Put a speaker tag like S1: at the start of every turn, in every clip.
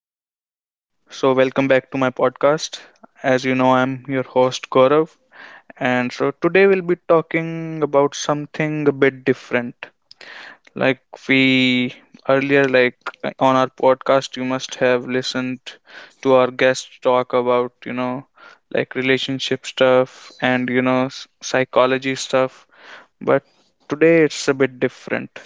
S1: everyone. Welcome back to my podcast. As you know, I'm your host, Gaurav. Today we'll be talking about something a bit different. Like we earlier, like On our podcast, you must have listened to our guests talk about, like relationship stuff and, psychology stuff. But today it's a bit different.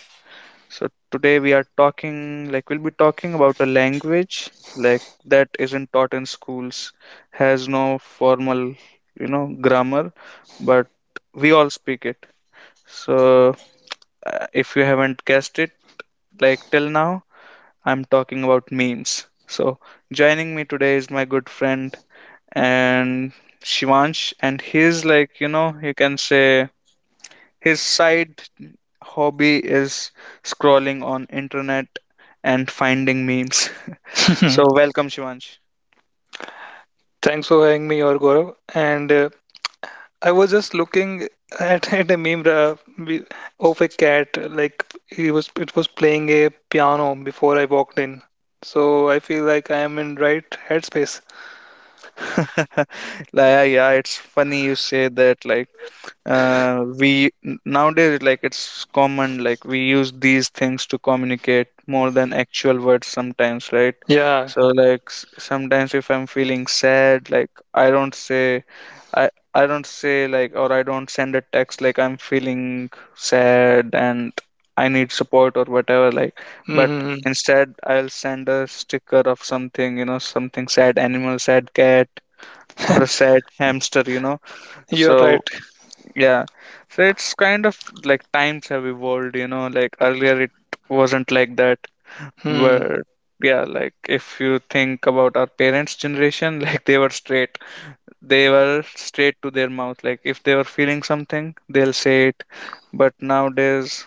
S1: So today we are talking about a language like that isn't taught in schools, has no formal, grammar, but we all speak it. So if you haven't guessed it, like till now, I'm talking about memes. So joining me today is my good friend and Shivansh, and he's like, you know, you can say his side hobby is scrolling on internet and finding memes. So welcome, Shivansh.
S2: Thanks for having me, or Gaurav. And I was just looking at a meme of a cat, like he was it was playing a piano before I walked in. So I feel like I am in right headspace.
S1: Like, yeah, yeah, it's funny you say that. We nowadays, like it's common, like we use these things to communicate more than actual words sometimes, right?
S2: Yeah,
S1: So like, sometimes if I'm feeling sad, like I don't say, i I don't say, like, or I don't send a text like I'm feeling sad and I need support or whatever. Like, but
S2: hmm.
S1: instead I'll send a sticker of something, you know, something sad, animal, sad cat, or a sad hamster, you know.
S2: You're right.
S1: So yeah, so it's kind of like times have evolved, you know, like earlier it wasn't like that.
S2: Hmm.
S1: Where, yeah, like if you think about our parents' generation, like they were straight. They were straight to their mouth. Like if they were feeling something, they'll say it. But nowadays,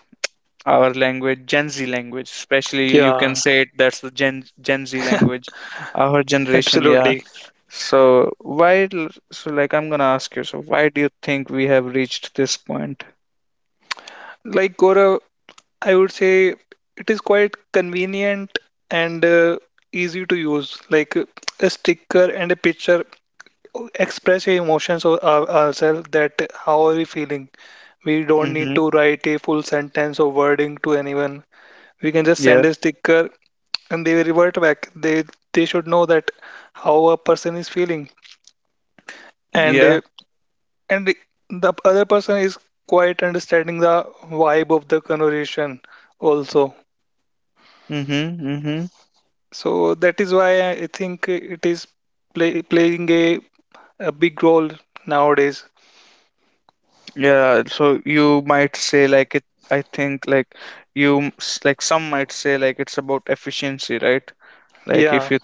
S1: our language, Gen Z language, especially, you can
S2: Yeah,
S1: say it, that's the Gen Z language. Our generation, yeah.
S2: absolutely.
S1: So so like I'm gonna ask you, so why do you think we have reached this point?
S2: Like, Gaurav, I would say it is quite convenient and easy to use. Like a sticker and a picture express your emotions, or ourselves, that how are we feeling. We don't need
S1: Mm-hmm.
S2: to write a full sentence or wording to anyone. We can just
S1: Yeah.
S2: send a sticker, and they will revert back. They should know that how a person is feeling, and uh,
S1: Yeah.
S2: and the other person is quite understanding the vibe of the conversation also.
S1: Mm-hmm. Mm-hmm.
S2: So that is why I think it is playing a big role nowadays.
S1: Yeah. So you might say like it, I think like like some might say like it's about efficiency, right? Like
S2: Yeah,
S1: if you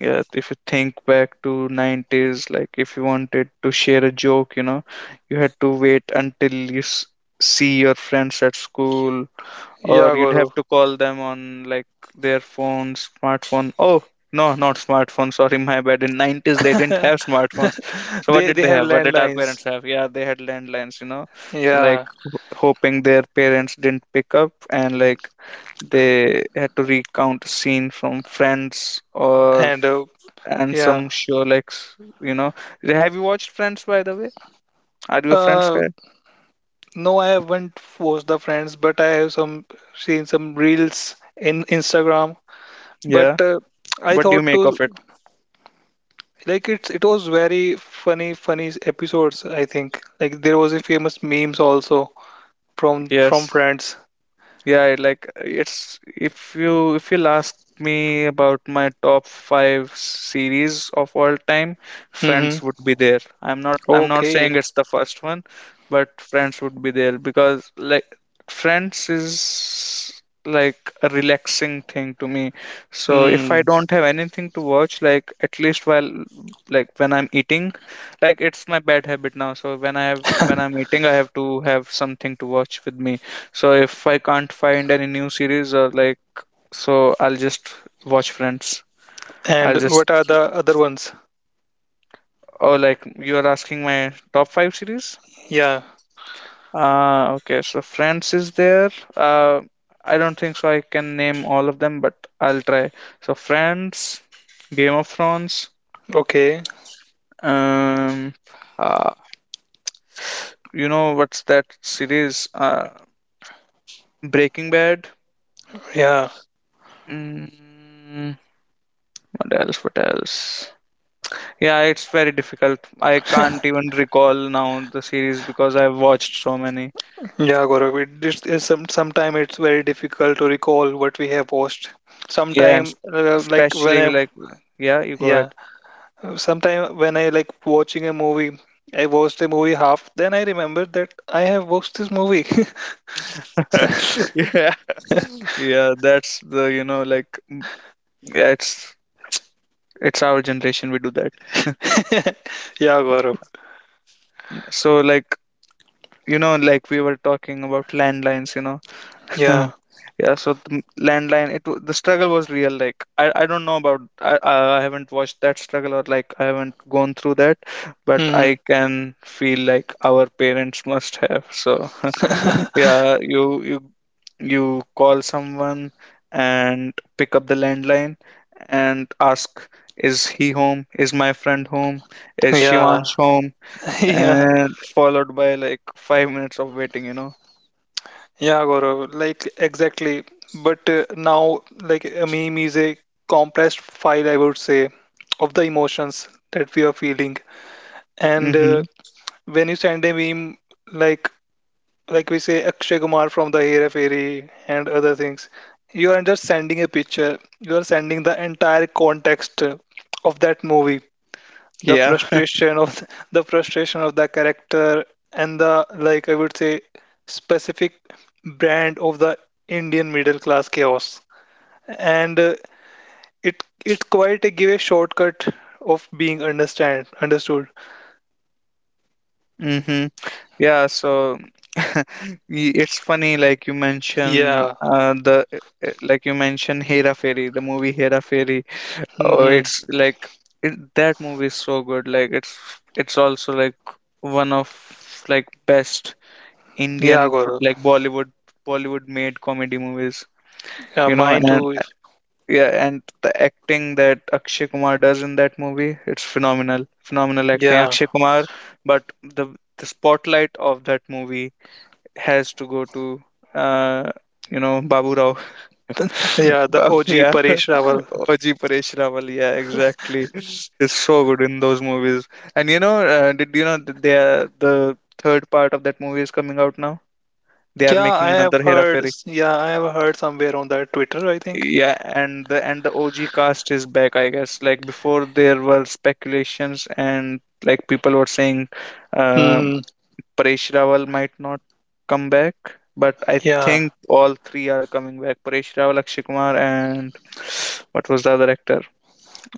S1: Yeah, if you think back to 90s, like if you wanted to share a joke, you know, you had to wait until you s see your friends at school, or
S2: yeah,
S1: you'd have to call them on like their phone, smartphone. Oh, no, not smartphone. Sorry, my bad. In 90s, they didn't
S2: Gaurav.
S1: have smartphones. So what
S2: They
S1: did
S2: they
S1: they
S2: have
S1: have? What did our
S2: landlines.
S1: parents have? Yeah, they had landlines, you know. So like
S2: Yeah,
S1: hoping their parents didn't pick up, and like they had to recount a scene from Friends or
S2: and
S1: and
S2: yeah.
S1: some show you know. Have you watched Friends, by the way? Are you a Friends
S2: Uh,
S1: guy?
S2: no, I haven't forced the friends, but I have some seen some reels in Instagram.
S1: Yeah.
S2: But I
S1: What do you
S2: thought
S1: make of
S2: to,
S1: it?
S2: like, it was very funny episodes. I think, like, there was a famous memes also from
S1: Yes.
S2: friends.
S1: Yeah, it like it's, if you if you'll ask me about my top five series of all time,
S2: Hmm.
S1: Friends would be there. I'm not
S2: Okay.
S1: saying it's the first one, but Friends would be there because like Friends is like a relaxing thing to me. So if I
S2: Hmm.
S1: don't have anything to watch, like at least while like when I'm eating, like it's my bad habit now. So when I have when I'm eating, I have to have something to watch with me. So if I can't find any new series or like, so I'll just watch Friends. I'll
S2: And
S1: just,
S2: what are the other ones?
S1: oh, like you are asking my top five series.
S2: Yeah.
S1: Uh, okay. So Friends is there. I don't think so. I can name all of them, but I'll try. So Friends, Game of Thrones.
S2: Okay.
S1: Um, uh, you know what's that series? Breaking Bad.
S2: Yeah.
S1: Mm, what else? What else? Yeah, it's very difficult. I can't even recall now the series because I've watched so many.
S2: Yeah, Gaurav, it is sometime it's very difficult to recall what we have watched.
S1: Yeah, and
S2: Sometime like when
S1: especially
S2: I
S1: like, yeah, you go ahead.
S2: yeah, sometime when I, like, watching a movie, I watched a movie half, then I remember that I have watched this movie.
S1: Yeah, yeah, that's the, you know, like, yeah, it's our generation, we do that.
S2: Yeah, Gaurav.
S1: So like, you know, like we were talking about landlines, you know.
S2: Yeah.
S1: Yeah, so landline, the struggle was real. Like I don't know about, I haven't watched that struggle, or like I haven't gone through that, but
S2: Hmm.
S1: I can feel like our parents must have. So yeah, you you you call someone and pick up the landline and ask, is he home, is my friend home, is
S2: Yeah,
S1: Shivansh home?
S2: yeah,
S1: And followed by like 5 minutes of waiting, you know.
S2: yeah, Gaurav. Like, exactly. But now, like, a meme is a compressed file, I would say, of the emotions that we are feeling, and
S1: Mm-hmm.
S2: when you send a meme, like like, we say Akshay Kumar from the Hera Fairy and other things. You are just sending a picture. You are sending the entire context of that movie, the
S1: Yeah.
S2: frustration of the, the frustration of the character, and the like, I would say, specific brand of the Indian middle class chaos. And it quite a give a shortcut of being understand understood.
S1: Mm-hmm. Yeah, so it's funny, like you mention
S2: Yeah.
S1: the like you mention Hera Fairy, the movie Hera Fairy. Oh,
S2: Hmm.
S1: it's like it, that movie is so good. Like it's also like one of like best
S2: Yeah,
S1: Indian
S2: Gaurav.
S1: like Bollywood made comedy movies.
S2: Yeah,
S1: You know,
S2: mine
S1: and
S2: too.
S1: yeah, and the acting that Akshay Kumar does in that movie, it's phenomenal. Phenomenal acting.
S2: Yeah,
S1: Akshay Kumar, but the spotlight of that movie has to go to uh, you know, Babu Rao.
S2: yeah, the OG
S1: Yeah.
S2: Paresh Rawal.
S1: OG Paresh Rawal, yeah, exactly. It's so good in those movies. And you know, did you know that they are, the third part of that movie is coming out now? They are
S2: Yeah, I
S1: making
S2: have
S1: another Hera.
S2: heard. Yeah, I have heard somewhere on that Twitter, I think.
S1: Yeah, and the OG cast is back, I guess. Like before, there were speculations and like people were saying, um,
S2: Hmm.
S1: Paresh Rawal might not come back, but I
S2: Yeah,
S1: think all three are coming back. Paresh Rawal, Akshay Kumar, and what was the other actor?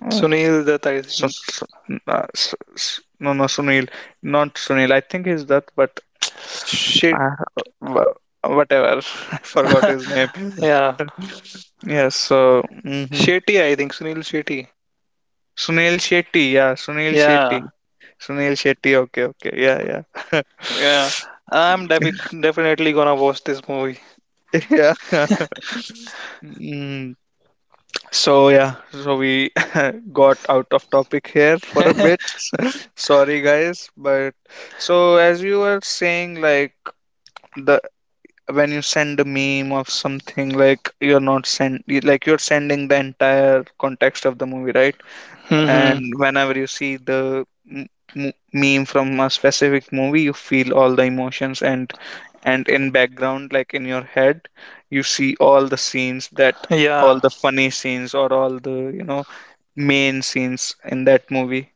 S1: Uh,
S2: Sunil that I
S1: so,
S2: think.
S1: so, no, no, Sunil, not Sunil. I think he's that, but
S2: Shit.
S1: uh, wha- whatever. I forgot his name.
S2: Yeah,
S1: Yes, so. Mhm.
S2: Shetty. I think Sunil Shetty.
S1: Sunil Shetty, yeah, Sunil
S2: Yeah,
S1: Shetty. Sunil Shetty, okay, okay, yeah, yeah.
S2: yeah. I'm definitely gonna watch this movie.
S1: Yeah. Mm, so yeah, so we got out of topic here for a bit. Sorry guys, but so as you were saying, like the when you send a meme of something, like you're not send like you're sending the entire context of the movie, right?
S2: Hmm.
S1: And whenever you see the m- meme from a specific movie, you feel all the emotions, and in background, like in your head, you see all the scenes that, all
S2: Yeah.
S1: the funny scenes, or all the, you know, main scenes in that movie.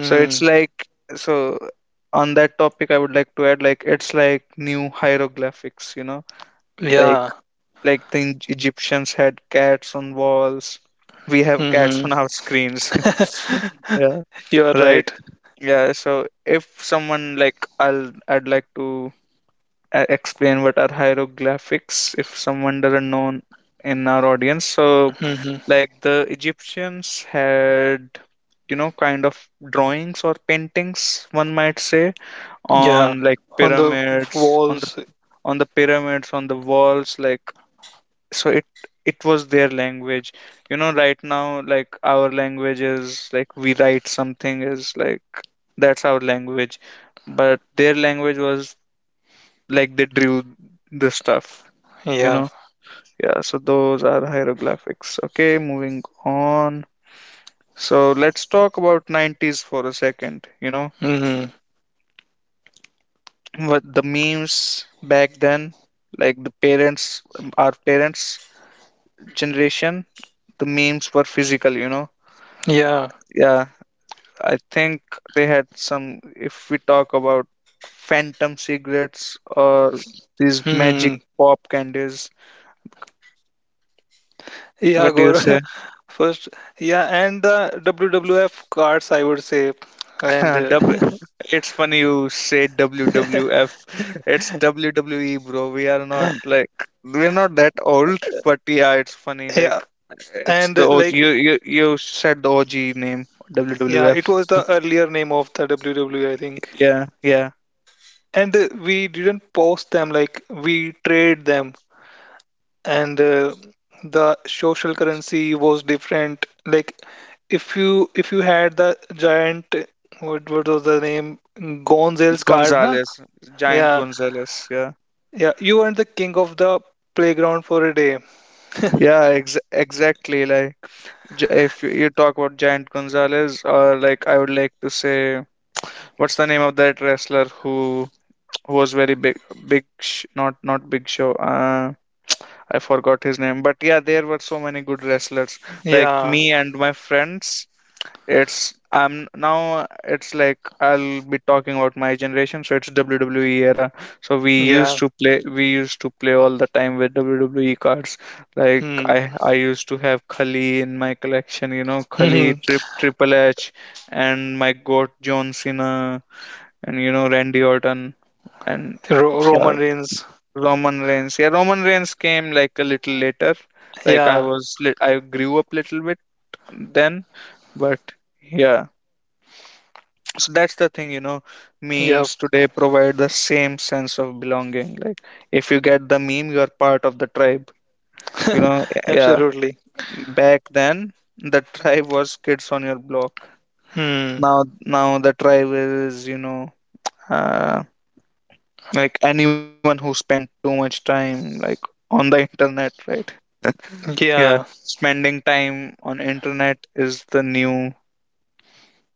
S1: So it's like, so on that topic, I would like to add, like it's like new hieroglyphics, you know. like
S2: Yeah.
S1: like the Egyptians had cats on walls, we have cats
S2: Hmm.
S1: on our screens. Yeah,
S2: You are
S1: right.
S2: right.
S1: Yeah, so if someone like I'd like to explain what are hieroglyphics if someone doesn't know in our audience. So
S2: Hmm.
S1: like the Egyptians had, you know, kind of drawings or paintings, one might say,
S2: Yeah.
S1: on like
S2: On the
S1: pyramids, on the,
S2: walls.
S1: on the pyramids, on the walls. Like, so it was their language, you know. Right now, like our language is like we write something is like that's our language, but their language was like they drew the stuff, you
S2: Yeah.
S1: know. Yeah, so those are hieroglyphics. Okay, moving on. So let's talk about 90s for a second, you know,
S2: Hmm.
S1: what the memes back then, like the parents, our parents generation, the memes were physical, you know.
S2: Yeah.
S1: Yeah, I think they had some. If we talk about phantom cigarettes or these magic
S2: Hmm.
S1: pop candies,
S2: Yeah,
S1: what do you
S2: Gaurav.
S1: say?
S2: First, yeah, and the WWF cards, I would say, and
S1: W- it's funny you say WWF. It's WWE, bro. We are not like, we're not that old, but yeah, it's funny. Like,
S2: yeah,
S1: it's
S2: and
S1: the OG.
S2: like,
S1: You said the OG name,
S2: yeah, it
S1: WWF.
S2: was the earlier name of the WWE, I think.
S1: Yeah, yeah.
S2: And we didn't post them, like we trade them, and the social currency was different. Like if you had the giant, what was the name, Gonzales card, na?
S1: Gonzalez, Giant
S2: Yeah,
S1: Gonzalez. Yeah.
S2: yeah, you weren't the king of the playground for a day.
S1: Yeah, ex exactly. Like, if you talk about Giant Gonzalez, or like I would like to say, what's the name of that wrestler who was very big, big, not not Big Show. I forgot his name, but yeah, there were so many good wrestlers. Like
S2: Yeah,
S1: me and my friends, it's I'm now it's like I'll be talking about my generation, so it's WWE era. So
S2: yeah.
S1: we used to play all the time with WWE cards. Like
S2: Hmm.
S1: I used to have Khali in my collection, you know, Khali,
S2: Ro-
S1: Triple H, and my goat John Cena, and you know, Randy Orton, and yeah,
S2: Roman Reigns.
S1: Roman Reigns. Yeah, Roman Reigns came like a little later. Like
S2: Yeah.
S1: I grew up little bit then, but yeah. So that's the thing, you know,
S2: Yep.
S1: memes today provide the same sense of belonging. Like if you get the meme you are part of the tribe, you know. Yeah,
S2: Absolutely.
S1: back then the tribe was kids on your block.
S2: Hmm.
S1: Now now the tribe is, you know, uh, like anyone who spent too much time, like, on the internet, right? Yeah,
S2: Yeah.
S1: spending time on internet is the new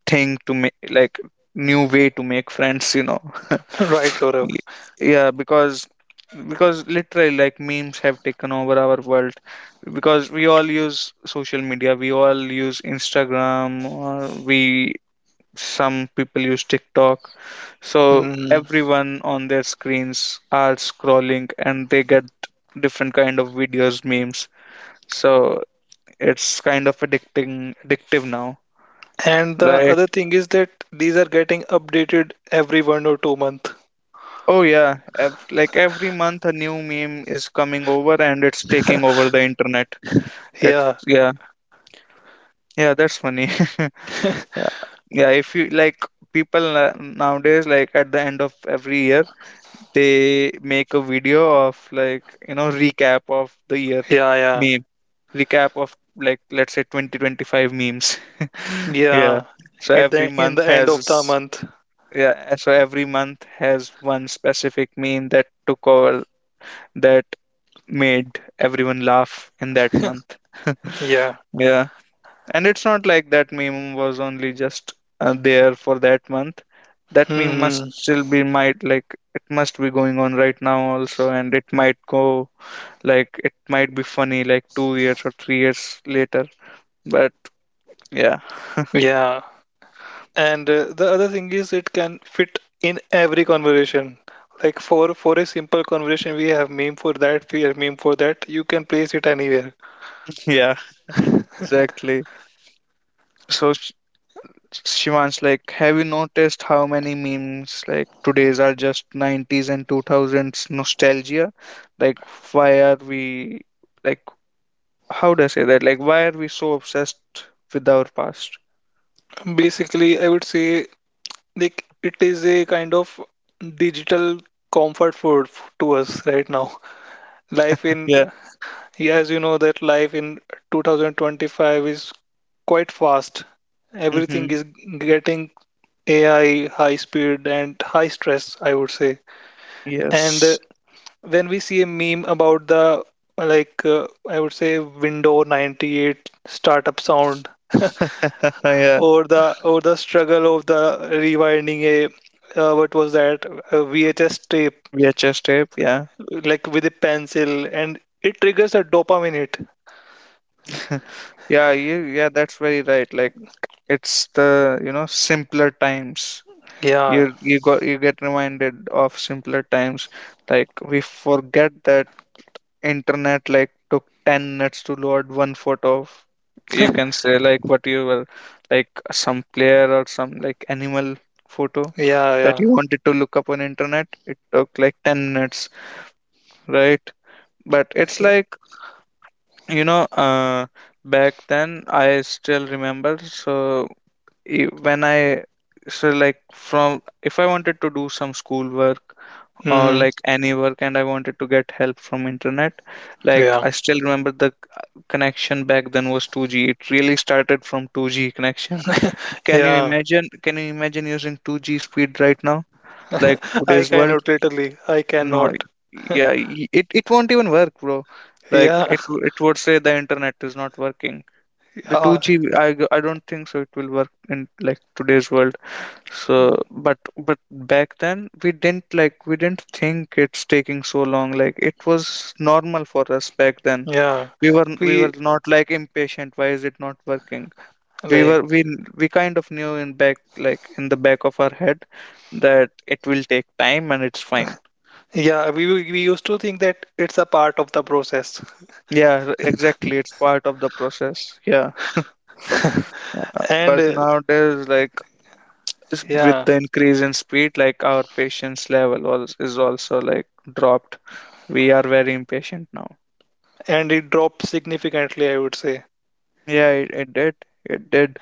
S1: thing to make, like, new way to make friends, you know.
S2: Right, Gaurav.
S1: Y- yeah, because literally like memes have taken over our world, because we all use social media, we all use Instagram, or we, some people use TikTok. So
S2: Hmm.
S1: everyone on their screens are scrolling and they get different kind of videos, memes. So it's kind of addicting addictive now,
S2: And the
S1: right?
S2: other thing is that these are getting updated every 1 or 2 month.
S1: Oh yeah, like every month a new meme is coming over and it's taking over the internet. It's
S2: Yeah.
S1: Yeah, yeah, that's funny. Yeah, yeah. If you like, people, nowadays, like at the end of every year, they make a video of like, you know, recap of the year
S2: Yeah.
S1: meme, recap of, like, let's say 2025 memes.
S2: Yeah.
S1: Yeah.
S2: Yeah.
S1: So
S2: At
S1: every
S2: the In
S1: month
S2: the end of the
S1: has
S2: month.
S1: Yeah. So every month has one specific meme that took over, that made everyone laugh in that month.
S2: Yeah.
S1: Yeah, and it's not like that meme was only just there for that month. That meme must
S2: Hmm.
S1: still be might like it must be going on right now also, and it might go like it might be funny like 2 years or 3 years later. But yeah,
S2: Yeah. And the other thing is it can fit in every conversation. Like, for a simple conversation, we have meme for that, we have meme for that. You can place it anywhere.
S1: yeah, exactly. So s- Shivansh, like, have you noticed how many memes like today's are just 90s and 2000s nostalgia? Like, why are we, like, how do I say that? Like, why are we so obsessed with our past?
S2: Basically, I would say, like, it is a kind of digital comfort food to us right now. Life in,
S1: Yeah.
S2: yeah, as you know, that life in 2025 is quite fast.
S1: Mm-hmm.
S2: Everything is getting AI, high speed and high stress, I would say. And
S1: Yes.
S2: when we see a meme about the like, I would say, Windows 98 startup sound,
S1: Yeah.
S2: or the struggle of the rewinding a, what was that, a VHS tape,
S1: VHS tape. Yeah.
S2: like, with a pencil, and it triggers a dopamine hit.
S1: Yeah. Yeah. That's very right. Like, it's the, you know, simpler times.
S2: Yeah,
S1: You get reminded of simpler times. Like we forget that internet, like, took 10 minutes to load one photo of, you can say like what you were, like some player or some, like, animal photo
S2: yeah,
S1: that
S2: yeah.
S1: you wanted to look up on internet, it took like 10 minutes, right? But it's
S2: Yeah.
S1: like, you know, back then I still remember. So when I, so like from, if I wanted to do some schoolwork or
S2: Mhm.
S1: like any work, and I wanted to get help from internet, like
S2: Yeah,
S1: I still remember the connection back then was 2G, it really started from 2G connection. can you
S2: yeah.
S1: imagine can you imagine using 2G speed right now, like
S2: I
S1: today's world?
S2: cannot literally. I
S1: No.
S2: cannot.
S1: Yeah, it won't even work, bro. Like
S2: Yeah,
S1: it would say the internet is not working. The
S2: yeah,
S1: 2G, I don't think so it will work in like today's world. So, but back then we didn't, like, we didn't think it's taking so long. Like it was normal for us back then.
S2: yeah.
S1: We were
S2: We,
S1: not, like, impatient. Why is it not working? We
S2: like,
S1: were we kind of knew in back, like in the back of our head, that it will take time and it's fine.
S2: yeah, we used to think that it's a part of the process.
S1: Yeah, exactly. It's part of the process. Yeah. Uh,
S2: And
S1: But nowadays, like with
S2: yeah,
S1: the increase in speed, like our patience level was is also, like, dropped. We are very impatient now.
S2: and it dropped significantly, I would say.
S1: Yeah, it did.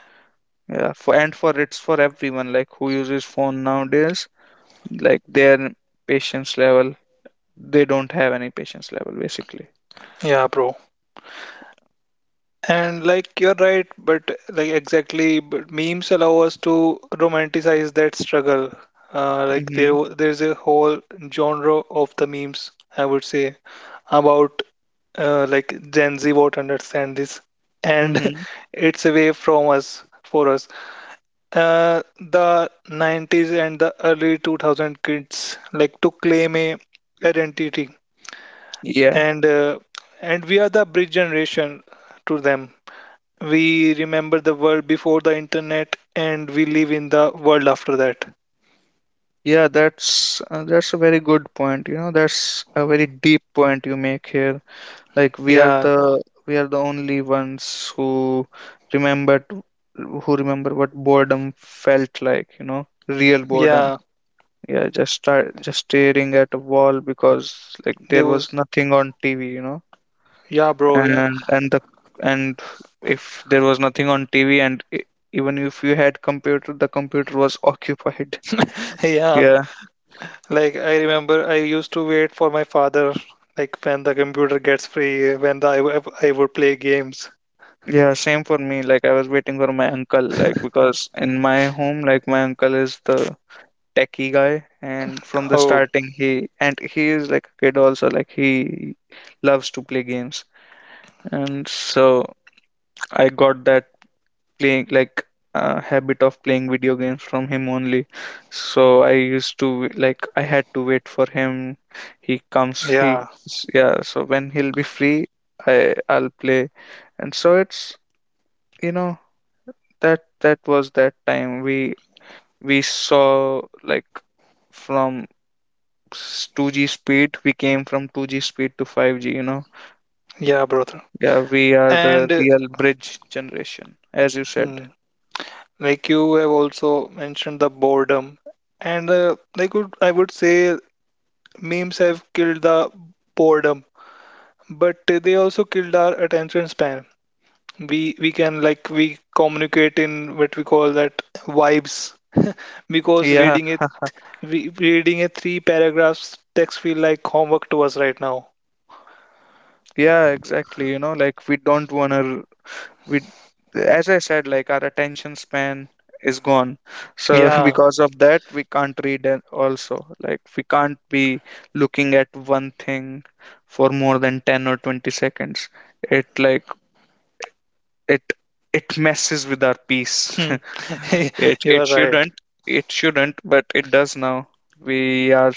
S1: Yeah for and for it's for everyone like who uses phone nowadays, like their patience level, they don't have any patience level basically.
S2: Yeah, bro. And, like, you're right, but, like, exactly, but memes allow us to romanticize that struggle. Like,
S1: Mm-hmm.
S2: there's a whole genre of the memes, I would say, about, like, Gen Z won't understand this, and
S1: Mm-hmm.
S2: it's away from us for us. The 90s and the early 2000 kids like to claim a identity,
S1: Yeah,
S2: and uh, and we are the bridge generation to them. We remember the world before the internet, and we live in the world after that.
S1: yeah, that's a very good point, you know, that's a very deep point you make here. Like we are
S2: Yeah,
S1: the we are the only ones who remembered who remember what boredom felt like, you know, real boredom.
S2: yeah.
S1: Yeah, just staring at a wall because like
S2: There
S1: there was
S2: was
S1: nothing on TV, you know,
S2: Yeah, bro. Yeah,
S1: and and the and if there was nothing on TV and even if you had computer, the computer was occupied.
S2: yeah.
S1: Yeah.
S2: Like, I remember, I used to wait for my father. Like, when the computer gets free, when the, I, w- I would play games.
S1: Yeah, same for me. Like I was waiting for my uncle, like because in my home, like my uncle is the techie guy, and from the
S2: Oh,
S1: starting he is like a kid also, like he loves to play games, and so I got that playing, like, habit of playing video games from him only. So I used to, like, I had to wait for him. He comes, he,
S2: yeah,
S1: yeah, so when he'll be free, I'll play. And so it's, you know, that was that time we saw like from 2G speed. We came from 2G speed to 5G, you know.
S2: yeah, brother.
S1: Yeah, we are
S2: And
S1: the real bridge generation, as you said.
S2: hmm, like, you have also mentioned the boredom, and I would say memes have killed the boredom, but they also killed our attention span. We can, like, we communicate in what we call that vibes, because
S1: Yeah,
S2: reading it we reading a three paragraphs text feel like homework to us right now.
S1: yeah, exactly. You know, like we don't wanna, we, as I said, like our attention span is gone. So,
S2: Yeah,
S1: because of that, we can't read and also. Like we can't be looking at one thing for more than 10 or 20 seconds. It like it it messes with our peace.
S2: hmm.
S1: it
S2: You
S1: it
S2: are right.
S1: shouldn't it shouldn't, but it does now. we are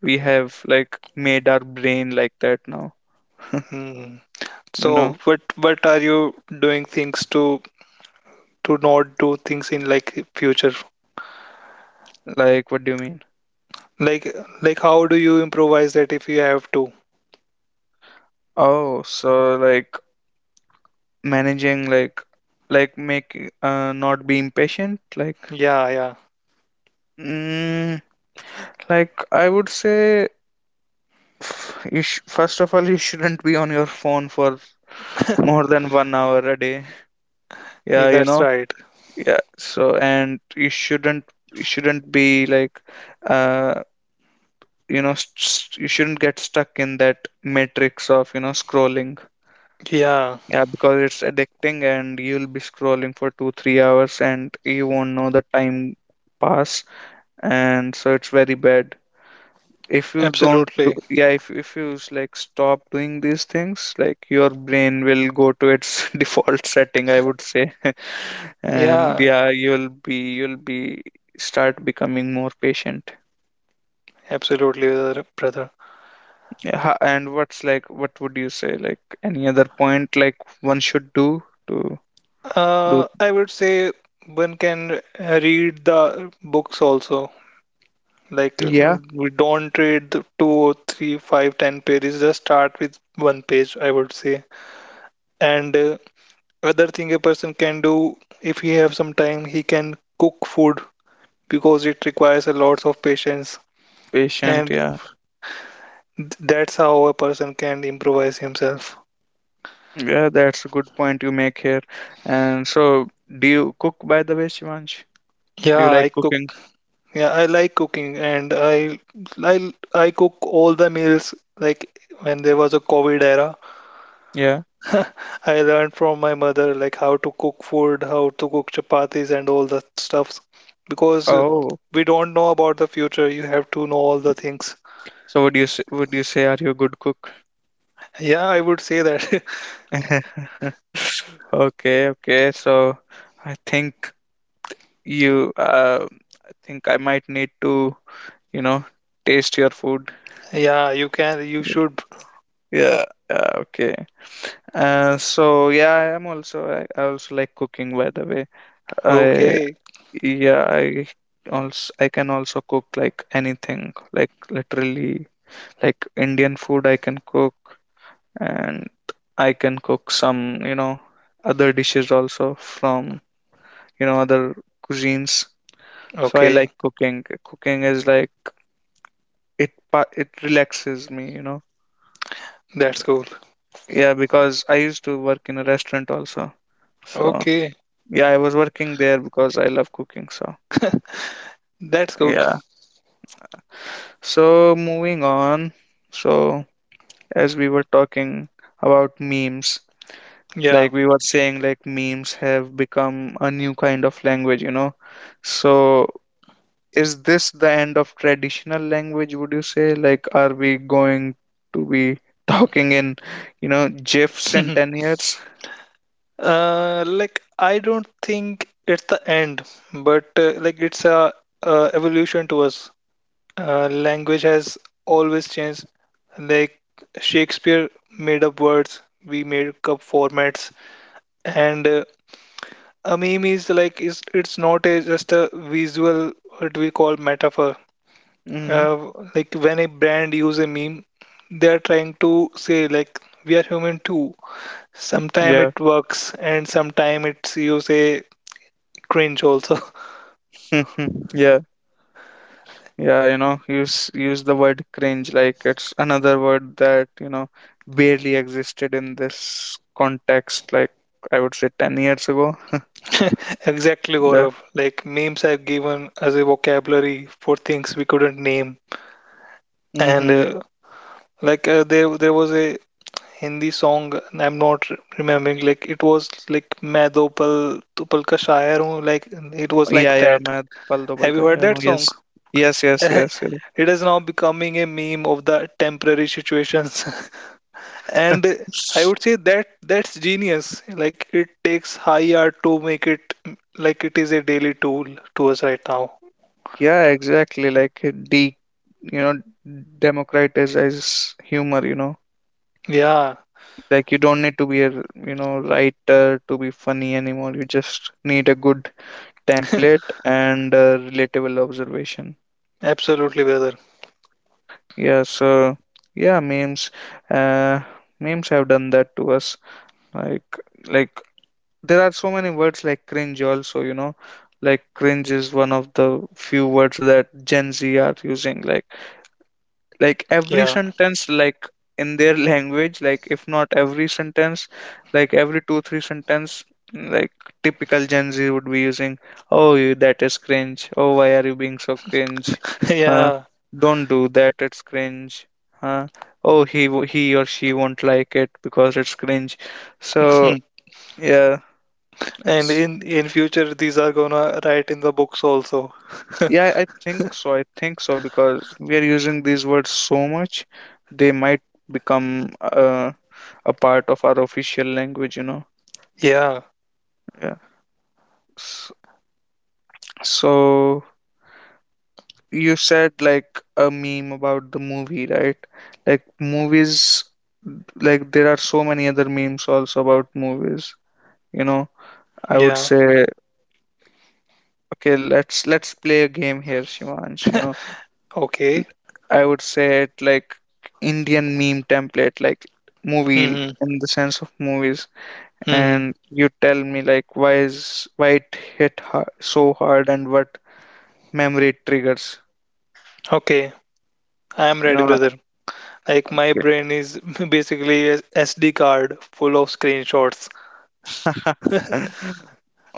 S1: we have like made our brain like that now.
S2: Hmm.
S1: You know.
S2: So what are you doing things to not do things in, like, future?
S1: Like what do you mean?
S2: Like like, how do you improvise that if you have to?
S1: Oh, so like managing, like, make, not be impatient, like.
S2: Yeah, yeah.
S1: mm, like I would say, first of all, you shouldn't be on your phone for more than 1 hour a day,
S2: Yeah,
S1: yeah, you
S2: that's
S1: know.
S2: right.
S1: Yeah, so, and you shouldn't be like, uh you know, you shouldn't get stuck in that matrix of, you know, scrolling.
S2: Yeah,
S1: Yeah, because it's addicting and you'll be scrolling for 2-3 hours and you won't know the time pass. And so it's very bad if you don't do.
S2: absolutely.
S1: Yeah, if like, stop doing these things, like your brain will go to its default setting, I would say. And
S2: Yeah,
S1: yeah, you'll be start becoming more patient.
S2: absolutely, brother.
S1: Yeah, and what would you say, like, any other point, like, one should do to do.
S2: I would say one can read the books also. Like,
S1: Yeah,
S2: we don't read the two or three, five, ten pages. Just start with one page, I would say. And other thing a person can do if he have some time, he can cook food because it requires a lot of patience.
S1: patient.
S2: And
S1: Yeah,
S2: that's how a person can improvise himself.
S1: yeah, that's a good point you make here. And so, do you cook, by the way, Shivansh? Do you
S2: Yeah, I
S1: like cooking?
S2: cook. Yeah, I like cooking, and I cook all the meals, like, when there was a COVID era.
S1: Yeah.
S2: I learned from my mother, like, how to cook food, how to cook chapatis and all that stuffs, because
S1: Oh.
S2: we don't know about the future. You have to know all the things.
S1: So, would you say, are you a good cook?
S2: Yeah, I would say that.
S1: Okay, okay. So I think you I think I might need to, you know, taste your food.
S2: Yeah, you can, you should.
S1: Yeah, yeah, okay. So yeah, I am also, I also like cooking, by the way. I
S2: Okay.
S1: Yeah, I can also cook like anything, like literally, like Indian food I can cook, and I can cook some, you know, other dishes also from, you know, other cuisines. So I
S2: Okay.
S1: like cooking. Cooking is like, it relaxes me, you know.
S2: That's cool.
S1: Yeah, because I used to work in a restaurant also. So
S2: Okay.
S1: yeah, I was working there because I love cooking. So
S2: That's cool.
S1: yeah. So, moving on. So as we were talking about memes,
S2: Yeah.
S1: like we were saying, like memes have become a new kind of language, you know. So is this the end of traditional language, would you say? Like, are we going to be talking in, you know, GIFs in 10 years?
S2: Like, I don't think it's the end, but, like, it's a, evolution to us. Language has always changed. Like, Shakespeare made up words, we made up formats, and a meme is, like, is it's not a, just a visual, what we call, metaphor.
S1: Hmm.
S2: Like, when a brand use a meme, they are trying to say, like, we are human too. Sometime
S1: Yeah.
S2: it works, and sometime it's, you a, cringe also.
S1: Yeah. Yeah, you know, use the word cringe, like it's another word that, you know, barely existed in this context, like I would say 10 years ago.
S2: Exactly,
S1: Yeah.
S2: Gaurav. Like, memes I've given as a vocabulary for things we couldn't name, and
S1: Mm-hmm.
S2: like, there was a Hindi song, and I'm not remembering, like, it was like, "Main do pal tu pal ka shayar hoon," like, it was like
S1: Yeah, yeah,
S2: that.
S1: मैं पल दो पल
S2: Have you
S1: का
S2: heard
S1: शायर हूँ.
S2: that song?
S1: Yes. Yes, yes, yes,
S2: It is now becoming a meme of the temporary situations, and I
S1: yes.
S2: would say that that's genius. Like, it takes high art to make it, like, it is a daily tool to us right now.
S1: Yeah, exactly. Like, you know, democratize humor. You know,
S2: Yeah,
S1: like you don't need to be a, you know, writer to be funny anymore. You just need a good template and a relatable observation.
S2: absolutely, brother.
S1: Yeah. So yeah, memes. Uh, Memes have done that to us. Like like there are so many words like cringe also. You know, like cringe is one of the few words that Gen Z are using. Like every
S2: Yeah,
S1: sentence, like, in their language, like, if not every sentence, like every 2-3 sentence, like, typical Gen Z would be using, oh, you, that is cringe. Oh, why are you being so cringe? Huh,
S2: yeah.
S1: don't do that, it's cringe. Huh. Oh, he or she won't like it because it's cringe. So
S2: Hmm.
S1: yeah,
S2: And
S1: it's
S2: in future, these are gonna write in the books also.
S1: yeah, I think so, because we are using these words so much, they might become a part of our official language, you know.
S2: Yeah,
S1: Yeah. S- So you said like a meme about the movie, right? Like movies, like there are so many other memes also about movies, you know. I would
S2: yeah.
S1: say, okay, let's play a game here, Shivansh, you know. L-
S2: Okay.
S1: I would say it, like, Indian meme template, like movie
S2: Hmm.
S1: in the sense of movies,
S2: Hmm.
S1: and you tell me, like, why it hit har so hard and what memory triggers,
S2: Okay, I am
S1: you
S2: ready,
S1: know.
S2: brother. Like, my
S1: Okay.
S2: brain is basically a SD card full of screenshots.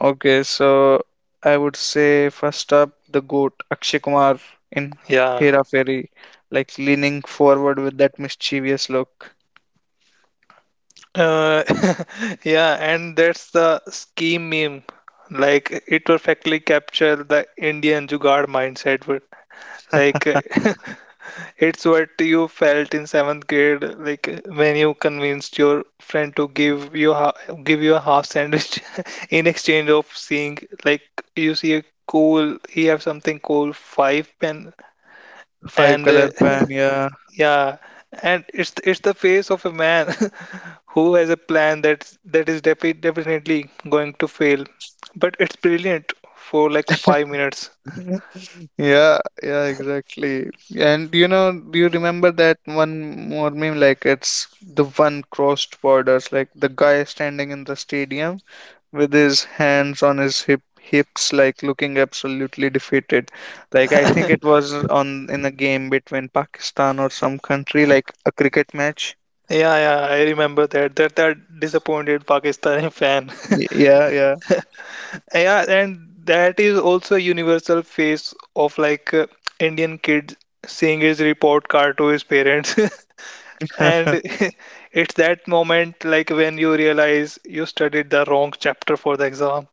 S1: Okay, so I would say first up, the goat Akshay Kumar in
S2: Yeah.
S1: Hera Fairy, like leaning forward with that mischievous look.
S2: Uh, yeah, and that's the scheme meme. Like, it perfectly capture the Indian jugaad mindset. But, like, it's what you felt in seventh grade, like when you convinced your friend to give you a half sandwich in exchange of seeing, like, you see a cool, he have something cool, five pen,
S1: Five
S2: and
S1: color pan, yeah.
S2: yeah, and it's the face of a man. Who has a plan that's that is definitely going to fail, but it's brilliant for, like, 5 minutes.
S1: Yeah, yeah, exactly. And you know, do you remember that one more meme, like it's the one crossed borders, like the guy standing in the stadium with his hands on his hips, like looking absolutely defeated. Like I think it was on in a game between Pakistan or some country, like a cricket match.
S2: Yeah, yeah, I remember that disappointed Pakistani fan.
S1: Yeah, yeah.
S2: Yeah, and that is also a universal face of, like, Indian kids seeing his report card to his parents. And it's that moment, like, when you realize you studied the wrong chapter for the exam,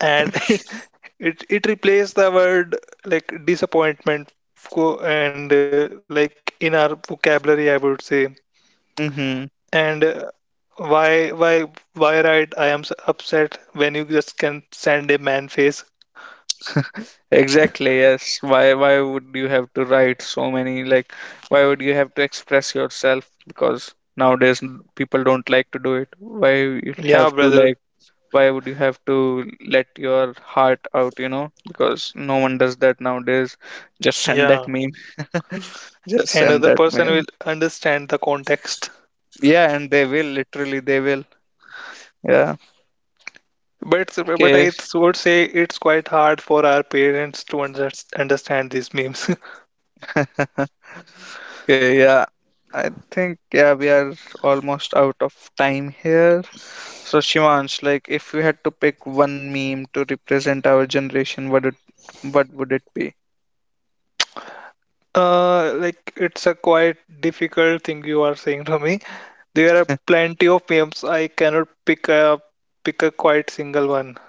S2: and it replaced the word, like, disappointment, and like, in our vocabulary, I would say.
S1: Mm-hmm.
S2: And why why why write, "I am upset," when you just can send a man face?
S1: Exactly, yes. Why would you have to write so many, like, why would you have to express yourself? Because nowadays, people don't like to do it. Why you have
S2: Yeah,
S1: to like,
S2: brother.
S1: why would you have to let your heart out, you know, because no one does that nowadays, just send that
S2: Yeah,
S1: meme. Just
S2: and
S1: send
S2: other
S1: that
S2: person will
S1: meme.
S2: understand the context.
S1: Yeah, and they will literally, they will. Yeah.
S2: But
S1: Okay.
S2: I would say it's quite hard for our parents to understand these memes.
S1: Okay, yeah. I think, yeah, we are almost out of time here. So Shivansh, like, if you had to pick one meme to represent our generation, what would it be?
S2: Like, it's a quite difficult thing you are saying to me. There are plenty of memes. I cannot pick a quite single one.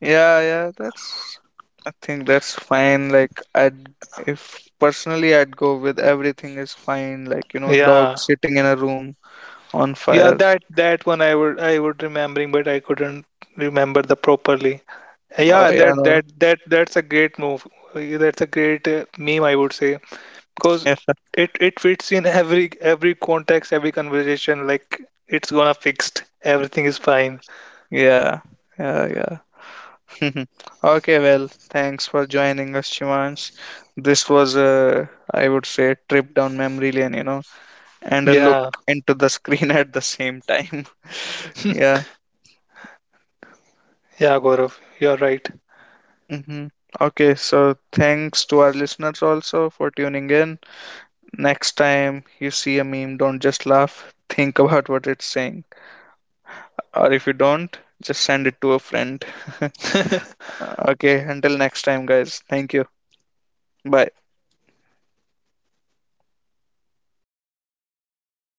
S1: Yeah, yeah, that's I think that's fine. Like I'd if personally I'd go with everything is fine, like, you know, dog
S2: Yeah.
S1: sitting in a room on
S2: Yeah,
S1: fire.
S2: that one I would remembering, but I couldn't remember the properly.
S1: Oh
S2: Yeah,
S1: yeah, no.
S2: that's a great move. That's a great, meme, I would say, because
S1: Yeah.
S2: it fits in every context, every conversation. Like, it's gonna fixed. Everything is fine.
S1: Yeah. Yeah, yeah. Okay, well, thanks for joining us, Shivansh. This was a, I would say, trip down memory lane, you know, and a look
S2: Yeah,
S1: into the screen at the same time. Yeah.
S2: yeah, Gaurav, you're right.
S1: Hmm. Okay, so thanks to our listeners also for tuning in. Next time you see a meme, don't just laugh. Think about what it's saying. Or if you don't, just send it to a friend. Okay, until next time, guys. Thank you. Bye.